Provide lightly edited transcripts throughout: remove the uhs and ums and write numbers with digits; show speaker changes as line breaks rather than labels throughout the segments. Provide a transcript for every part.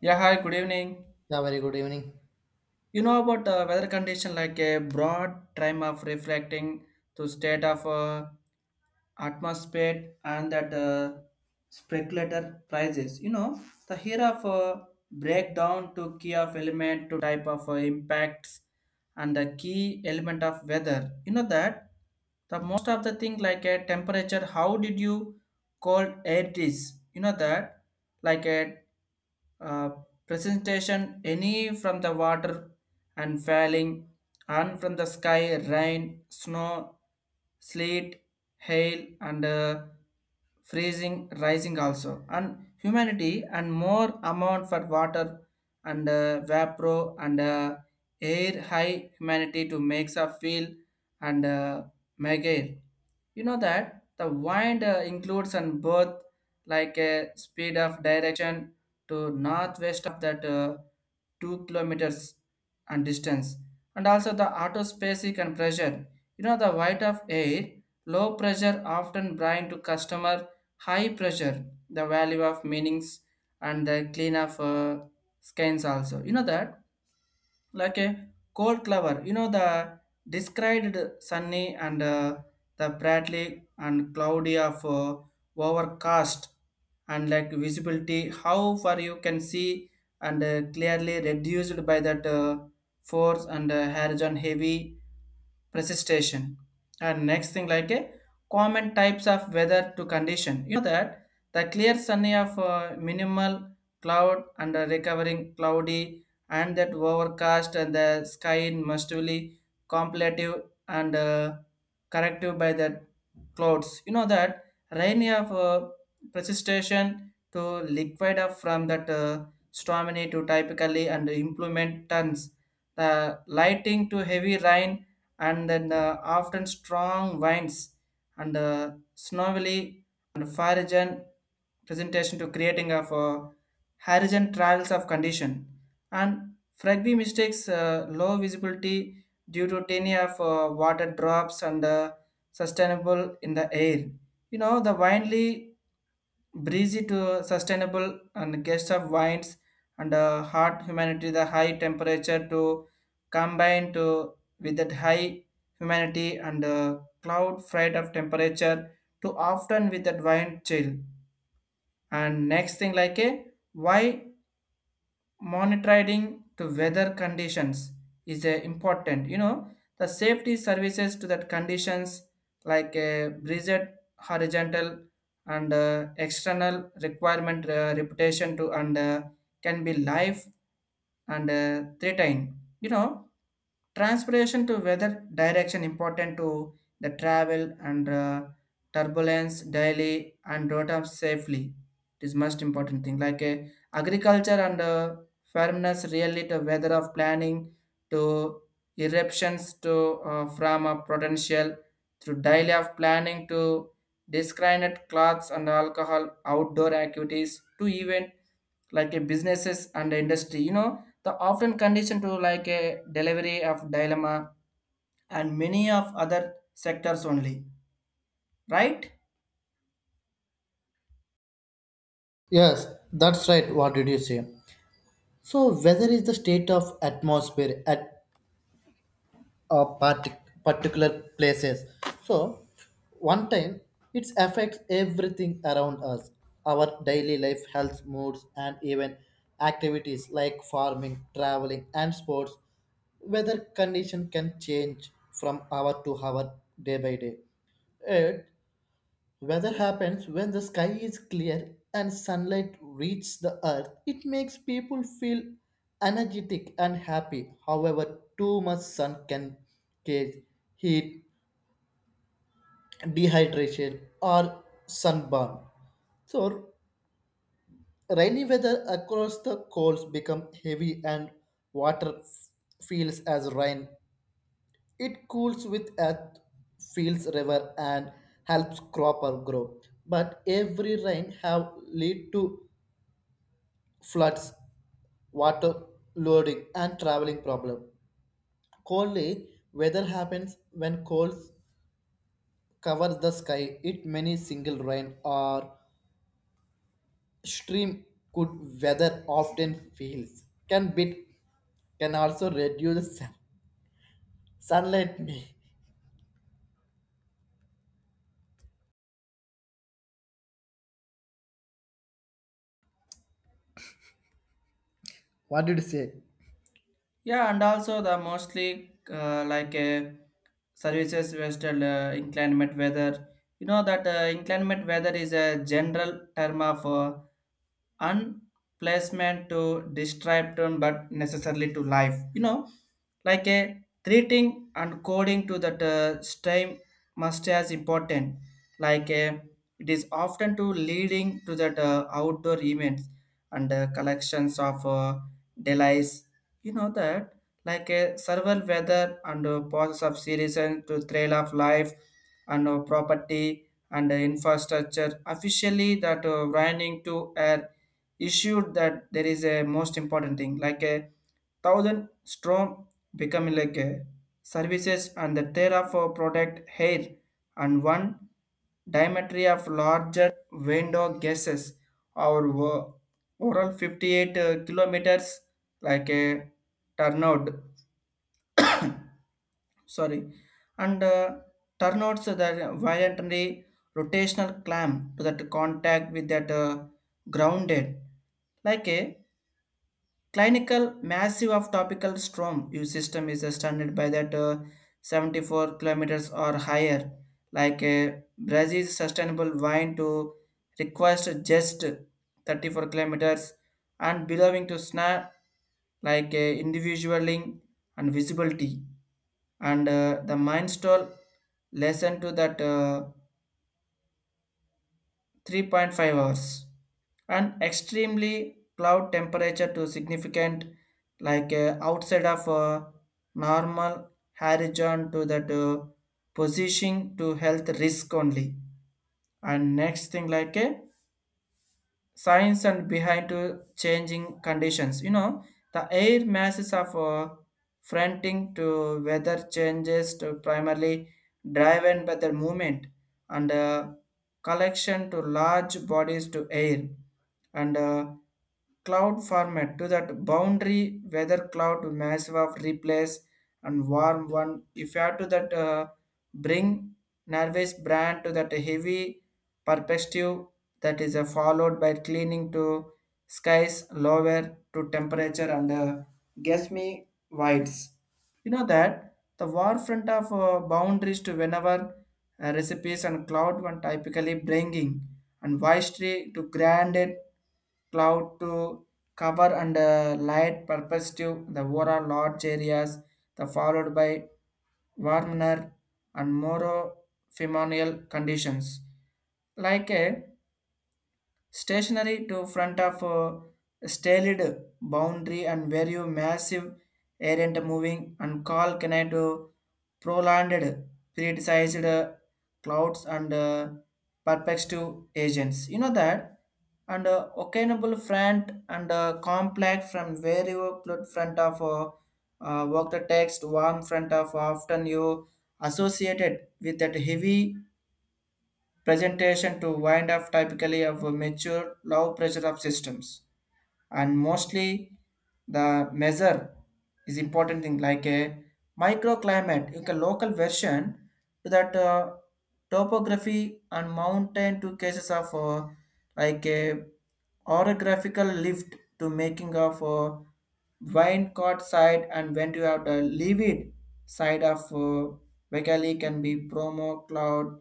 Yeah, hi, good evening.
Yeah, very good evening.
You know about the weather condition like a broad time of reflecting to state of atmosphere and that speculator prices. You know the here of breakdown to key of element to type of impacts and the key element of weather. You know that the most of the thing like a temperature. How did you cold air is? You know that like a uh, presentation any from the water and falling, and from the sky rain, snow, sleet, hail, and freezing, rising also, and humanity and more amount for water and vapor and air high humanity to makes us feel and make air. You know that the wind includes on both like a speed of direction to northwest of that 2 kilometers and distance and also the autospecific and pressure, you know, the weight of air. Low pressure often bring to customer, high pressure the value of meanings and the clean of skins also, you know, that like a cold clover. You know the described sunny and the Bradley and cloudy of overcast and like visibility. How far you can see and clearly reduced by that force and horizon heavy precipitation. And next thing like a common types of weather to condition. You know that the clear sunny of minimal cloud and recovering cloudy and that overcast and the sky must be contemplative and corrective by the clouds. You know that rain of precipitation to liquid up from that stormy to typically and implement tons. The lighting to heavy rain and then often strong winds and snowy and foreign presentation to creating of horizon trials of condition and Fragby mistakes low visibility due to tiny of water drops and sustainable in the air. You know, the windly breezy to sustainable and guest of winds and hot humidity, the high temperature to combine to with that high humidity and cloud freight of temperature to often with that wind chill. And next thing like a why monitoring to weather conditions is important. You know the safety services to that conditions like breezed horizontal and external requirement reputation to and can be life and threatening, you know, transpiration to weather direction important to the travel and turbulence daily and road up safely. It is most important thing like agriculture and firmness really to weather of planning to eruptions to from a potential through daily of planning to discriminate clothes and alcohol outdoor activities to even like a businesses and industry, you know, the often condition to like a delivery of dilemma and many of other sectors only, right?
Yes, that's right. What did you say? So, weather is the state of atmosphere at a particular places. So, one time it affects everything around us, our daily life, health, moods, and even activities like farming, traveling, and sports. Weather condition can change from hour to hour, day by day. Weather happens when the sky is clear and sunlight reaches the earth. It makes people feel energetic and happy. However, too much sun can cause heat, dehydration, or sunburn. So, rainy weather across the coast become heavy and water feels as rain. It cools with earth, fills river, and helps crop or grow. But every rain have lead to floods, water loading, and traveling problem. Coldly, weather happens when cold covers the sky. It many single rain or stream could weather often feels can bit can also reduce sunlight. Me, what did you say?
Yeah, and also the mostly like services vested inclement weather. You know that inclement weather is a general term of and placement to distract them but necessarily to life, you know, like a treating and coding to that stem must as important like a it is often to leading to that outdoor events and collections of delays. You know that like a several weather and process of series and to trail of life and property and infrastructure officially that running to air issued that there is a most important thing like a thousand strong becoming like a services and the terra for product hair and one diametry of larger window gases or overall 58 kilometers like a turnout sorry and turnouts that violently rotational clamp to that contact with that grounded like a Clinical massive of topical storm use system is standard by that 74 kilometers or higher. Like Brazil's sustainable wine to request just 34 kilometers and belonging to SNAP like individualing and visibility and the mind stall lesson to that 3.5 hours and extremely cloud temperature to significant like outside of normal horizon to that position to health risk only. And next thing like a science and behind to changing conditions. You know, the air masses of fronting to weather changes to primarily driven by the movement and collection to large bodies to air and cloud format to that boundary weather cloud to massive of replace and warm one if you have to that bring nervous brand to that heavy perspective that is followed by cleaning to skies lower to temperature and guess me whites. You know that the war front of boundaries to whenever recipes and cloud one typically bringing and vastly to granted cloud to cover and light perspective the overall large areas the followed by warmer and more phenomenal conditions like a stationary to front of a staled boundary and where you massive errant moving and call connect to prolonged periodized clouds and perspective agents, you know that, and occasionable front and complex from where you put front of work the text warm front of often you associated with that heavy presentation to wind up typically of a mature low pressure of systems and mostly the measure is important thing like a microclimate like a local version to that topography and mountain to cases of like a orographical lift to making of wine caught side and when you have the livid side of Vekali can be promo cloud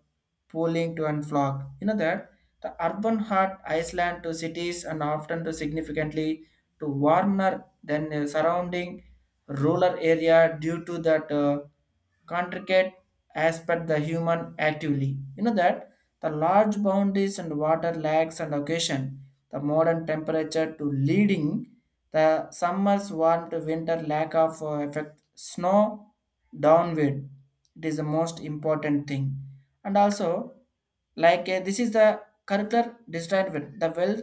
pooling to unflock. You know that the urban heart Iceland to cities and often to significantly to warmer than the surrounding rural area due to that contracted aspect the human actively. You know that the large boundaries and water lags and occasion the modern temperature to leading the summer's warm to winter lack of effect snow downward. It is the most important thing and also like this is the curricular desired with the well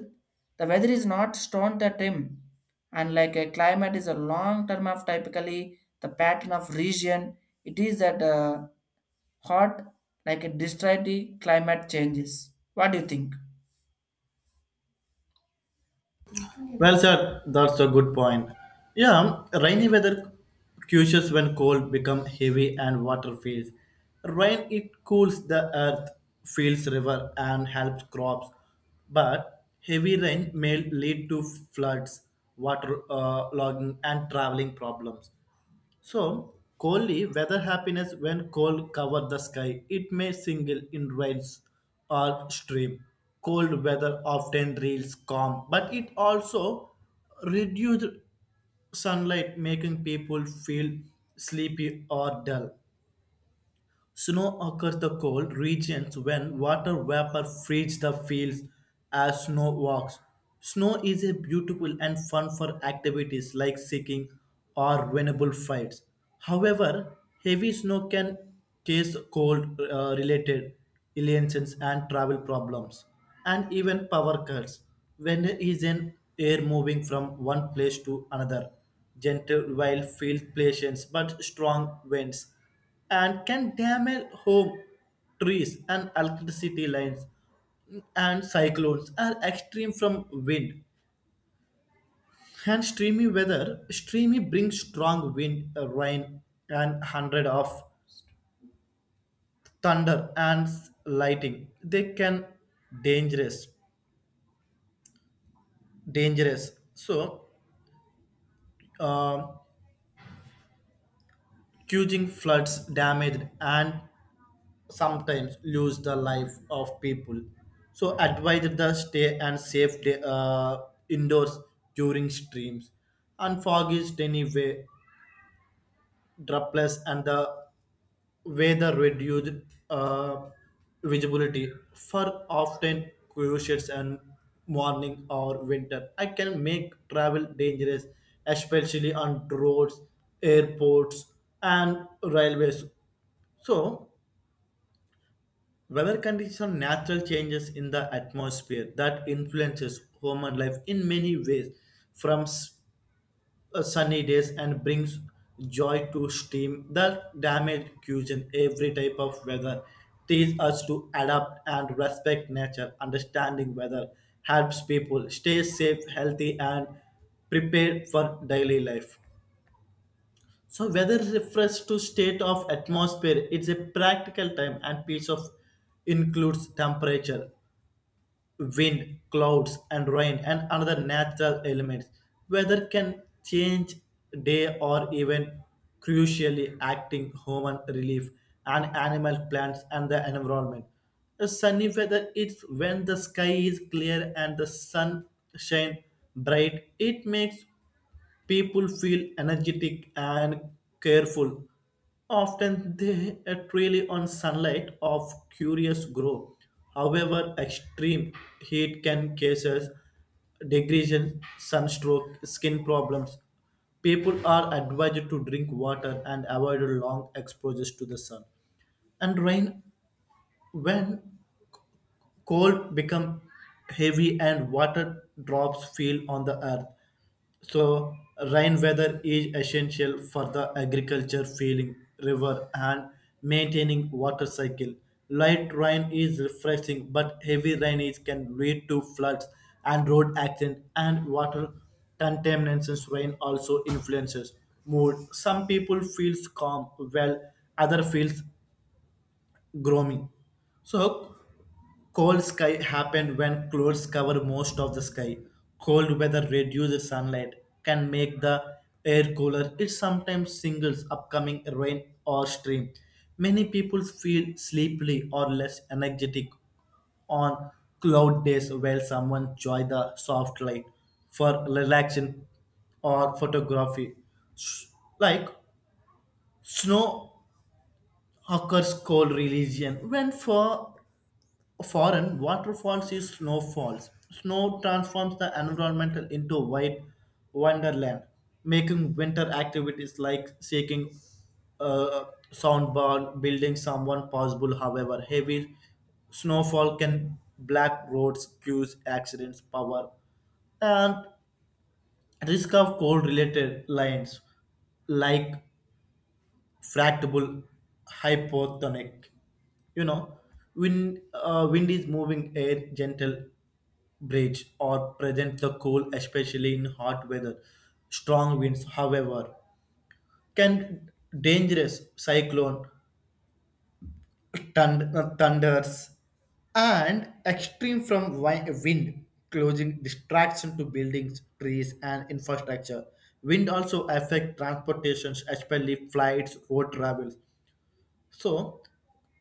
the weather is not stone the trim and like a climate is a long term of typically the pattern of region it is that hot like a desired climate changes. What do you think?
Well, sir, that's a good point. Yeah, rainy weather cures when cold become heavy and water fills. Rain it cools the earth, fills river and helps crops. But heavy rain may lead to floods, water logging and traveling problems. So, coldly, weather happiness when cold cover the sky. It may single in rains or stream. Cold weather often reels calm, but it also reduced sunlight, making people feel sleepy or dull. Snow occurs the cold regions when water vapor frees the fields as snow walks. Snow is a beautiful and fun for activities like skiing or winnable fights. However, heavy snow can cause cold related illnesses and travel problems and even power cuts when there is an air moving from one place to another gentle while field patience but strong winds and can damage home, trees, and electricity lines. And cyclones are extreme from wind and streamy weather. Streamy brings strong wind, rain, and hundred of thunder and lightning. They can dangerous, dangerous. So, uh, causing floods, damage, and sometimes lose the life of people. So advised the stay and safe day, indoors during streams. And fog is anyway droplets and the weather reduced uh, visibility for often cruciates and morning or winter. I can make travel dangerous, especially on roads, airports, and railways. So weather conditions are natural changes in the atmosphere that influences human life in many ways, from sunny days and brings joy to steam that damage cuisine. Every type of weather teaches us to adapt and respect nature. Understanding weather helps people stay safe, healthy, and prepared for daily life. So weather refers to state of atmosphere. It's a practical time and piece of includes temperature, wind, clouds, and rain, and another natural elements. Weather can change day or even crucially acting human relief and animal plants and the environment. A sunny weather is when the sky is clear and the sun shine bright. It makes people feel energetic and careful. Often they rely on sunlight of curious grow. However, extreme heat can cause degradation, sunstroke, skin problems. People are advised to drink water and avoid long exposures to the sun and rain when cold become heavy and water drops fell on the earth. So rain weather is essential for the agriculture, filling river and maintaining water cycle. Light rain is refreshing, but heavy rain is can lead to floods and road accidents and water contamination. Rain also influences mood. Some people feels calm, while other feels gloomy. So cold sky happen when clouds cover most of the sky. Cold weather reduces sunlight, can make the air cooler. It sometimes singles upcoming rain or stream. Many people feel sleepy or less energetic on cloud days while someone enjoy the soft light for relaxation or photography. S- Like snow occurs cold region when for foreign waterfalls is snowfalls. Snow transforms the environment into white wonderland, making winter activities like seeking a soundbar, building someone possible. However, heavy snowfall can black roads, queues, accidents, power, and risk of cold related lines like fractable hypotonic, you know, wind wind is moving air gentle breeze or present the cool, especially in hot weather. Strong winds, however, can dangerous cyclone, thunders and extreme from wind closing distraction to buildings, trees, and infrastructure. Wind also affect transportations, especially flights, road travels. So,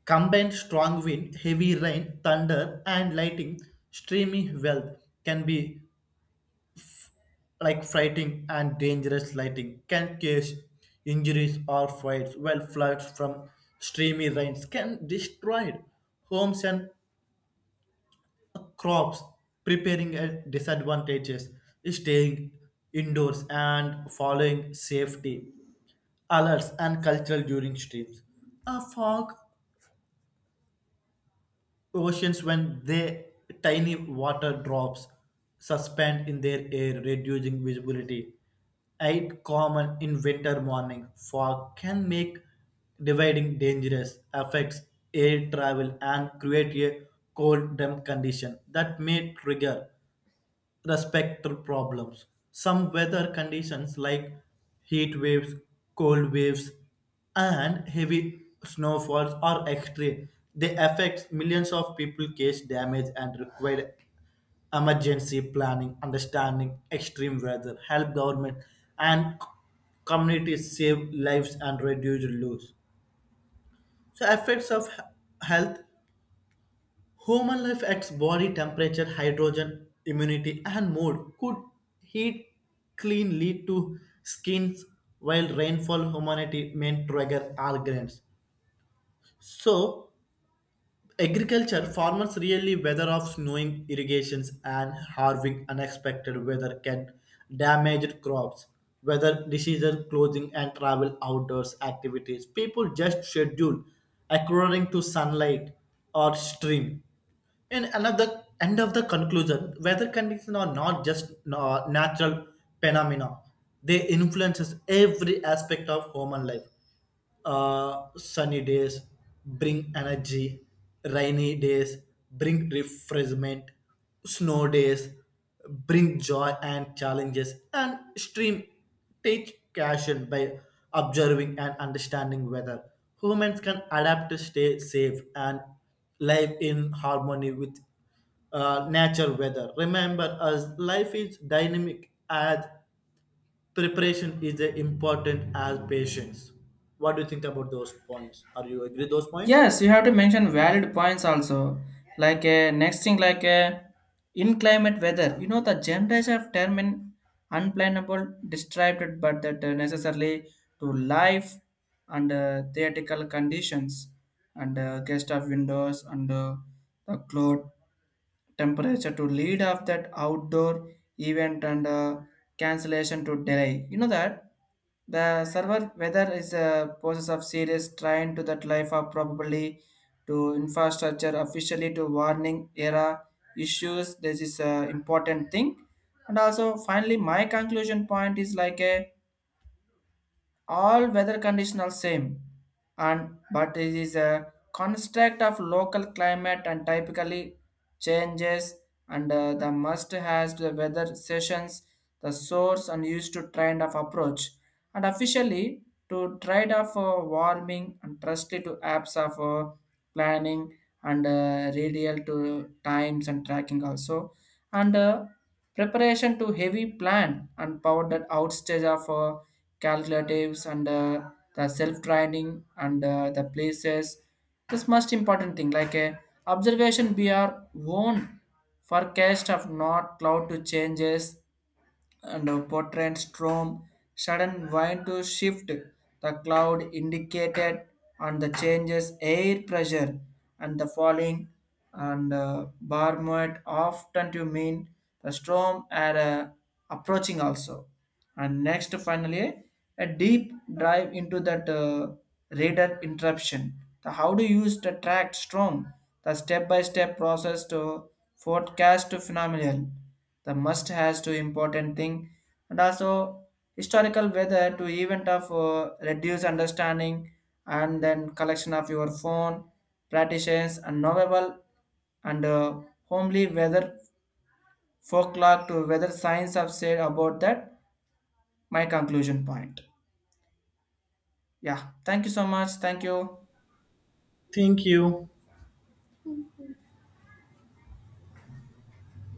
combined strong wind, heavy rain, thunder, and lightning, streamy wealth can be like frightening and dangerous. Lightning can cause injuries or fires, while floods from streamy rains can destroy homes and crops, preparing a disadvantages, staying indoors and following safety alerts and cultural during streams. A fog oceans when they tiny water drops suspend in their air reducing visibility eight common in winter morning. Fog can make dividing dangerous, affects air travel and create a cold damp condition that may trigger respectful problems. Some weather conditions like heat waves, cold waves, and heavy snowfalls are extreme. They affect millions of people, cause damage, and require emergency planning. Understanding extreme weather, help government and communities save lives and reduce loss. So effects of health. Human life at body temperature, hydrogen, immunity, and mood could heat clean lead to skins, while rainfall humanity may trigger all grains. So, agriculture farmers really weather of snowing irrigations and harvesting unexpected weather can damage crops, weather diseases, clothing and travel outdoors activities. People just schedule according to sunlight or stream. In another end of the conclusion, weather conditions are not just natural phenomena; they influences every aspect of human life. Sunny days bring energy, rainy days bring refreshment, snow days bring joy and challenges, and stream teach caution by observing and understanding weather. Humans can adapt to stay safe and live in harmony with nature weather. Remember, as life is dynamic as preparation is as important as patience. What do you think about those points? Are you agree those points?
Yes, you have to mention valid points also. Like a next thing, like a in climate weather. You know the generals have term in unplannable, distracted, but that necessarily to life and theoretical conditions and guest of windows and the cloud temperature to lead up that outdoor event and cancellation to delay. You know that the server weather is a process of serious trying to that life of probably to infrastructure officially to warning era issues. This is a important thing. And also finally my conclusion point is like a all weather conditions are same and but it is a construct of local climate and typically changes and the must has the weather sessions the source and used to trend of approach and officially to trade off warming and trusted to apps of planning and radial to times and tracking also and preparation to heavy plan and power that outstage of calculatives and the self-training and the places. This most important thing like observation be our own forecast of not cloud to changes and portrayed storm sudden wind to shift the cloud indicated and the changes air pressure and the falling and barometer often to mean the storm are approaching also. And next finally a deep dive into that radar interruption. The how to use the track storm? The step by step process to forecast phenomenon the must has two important thing. And also historical weather to event of reduce understanding and then collection of your phone practitioners and knowable and homely weather folklore to weather science have said about that my conclusion point. Yeah, thank you so much, thank you.
Thank you.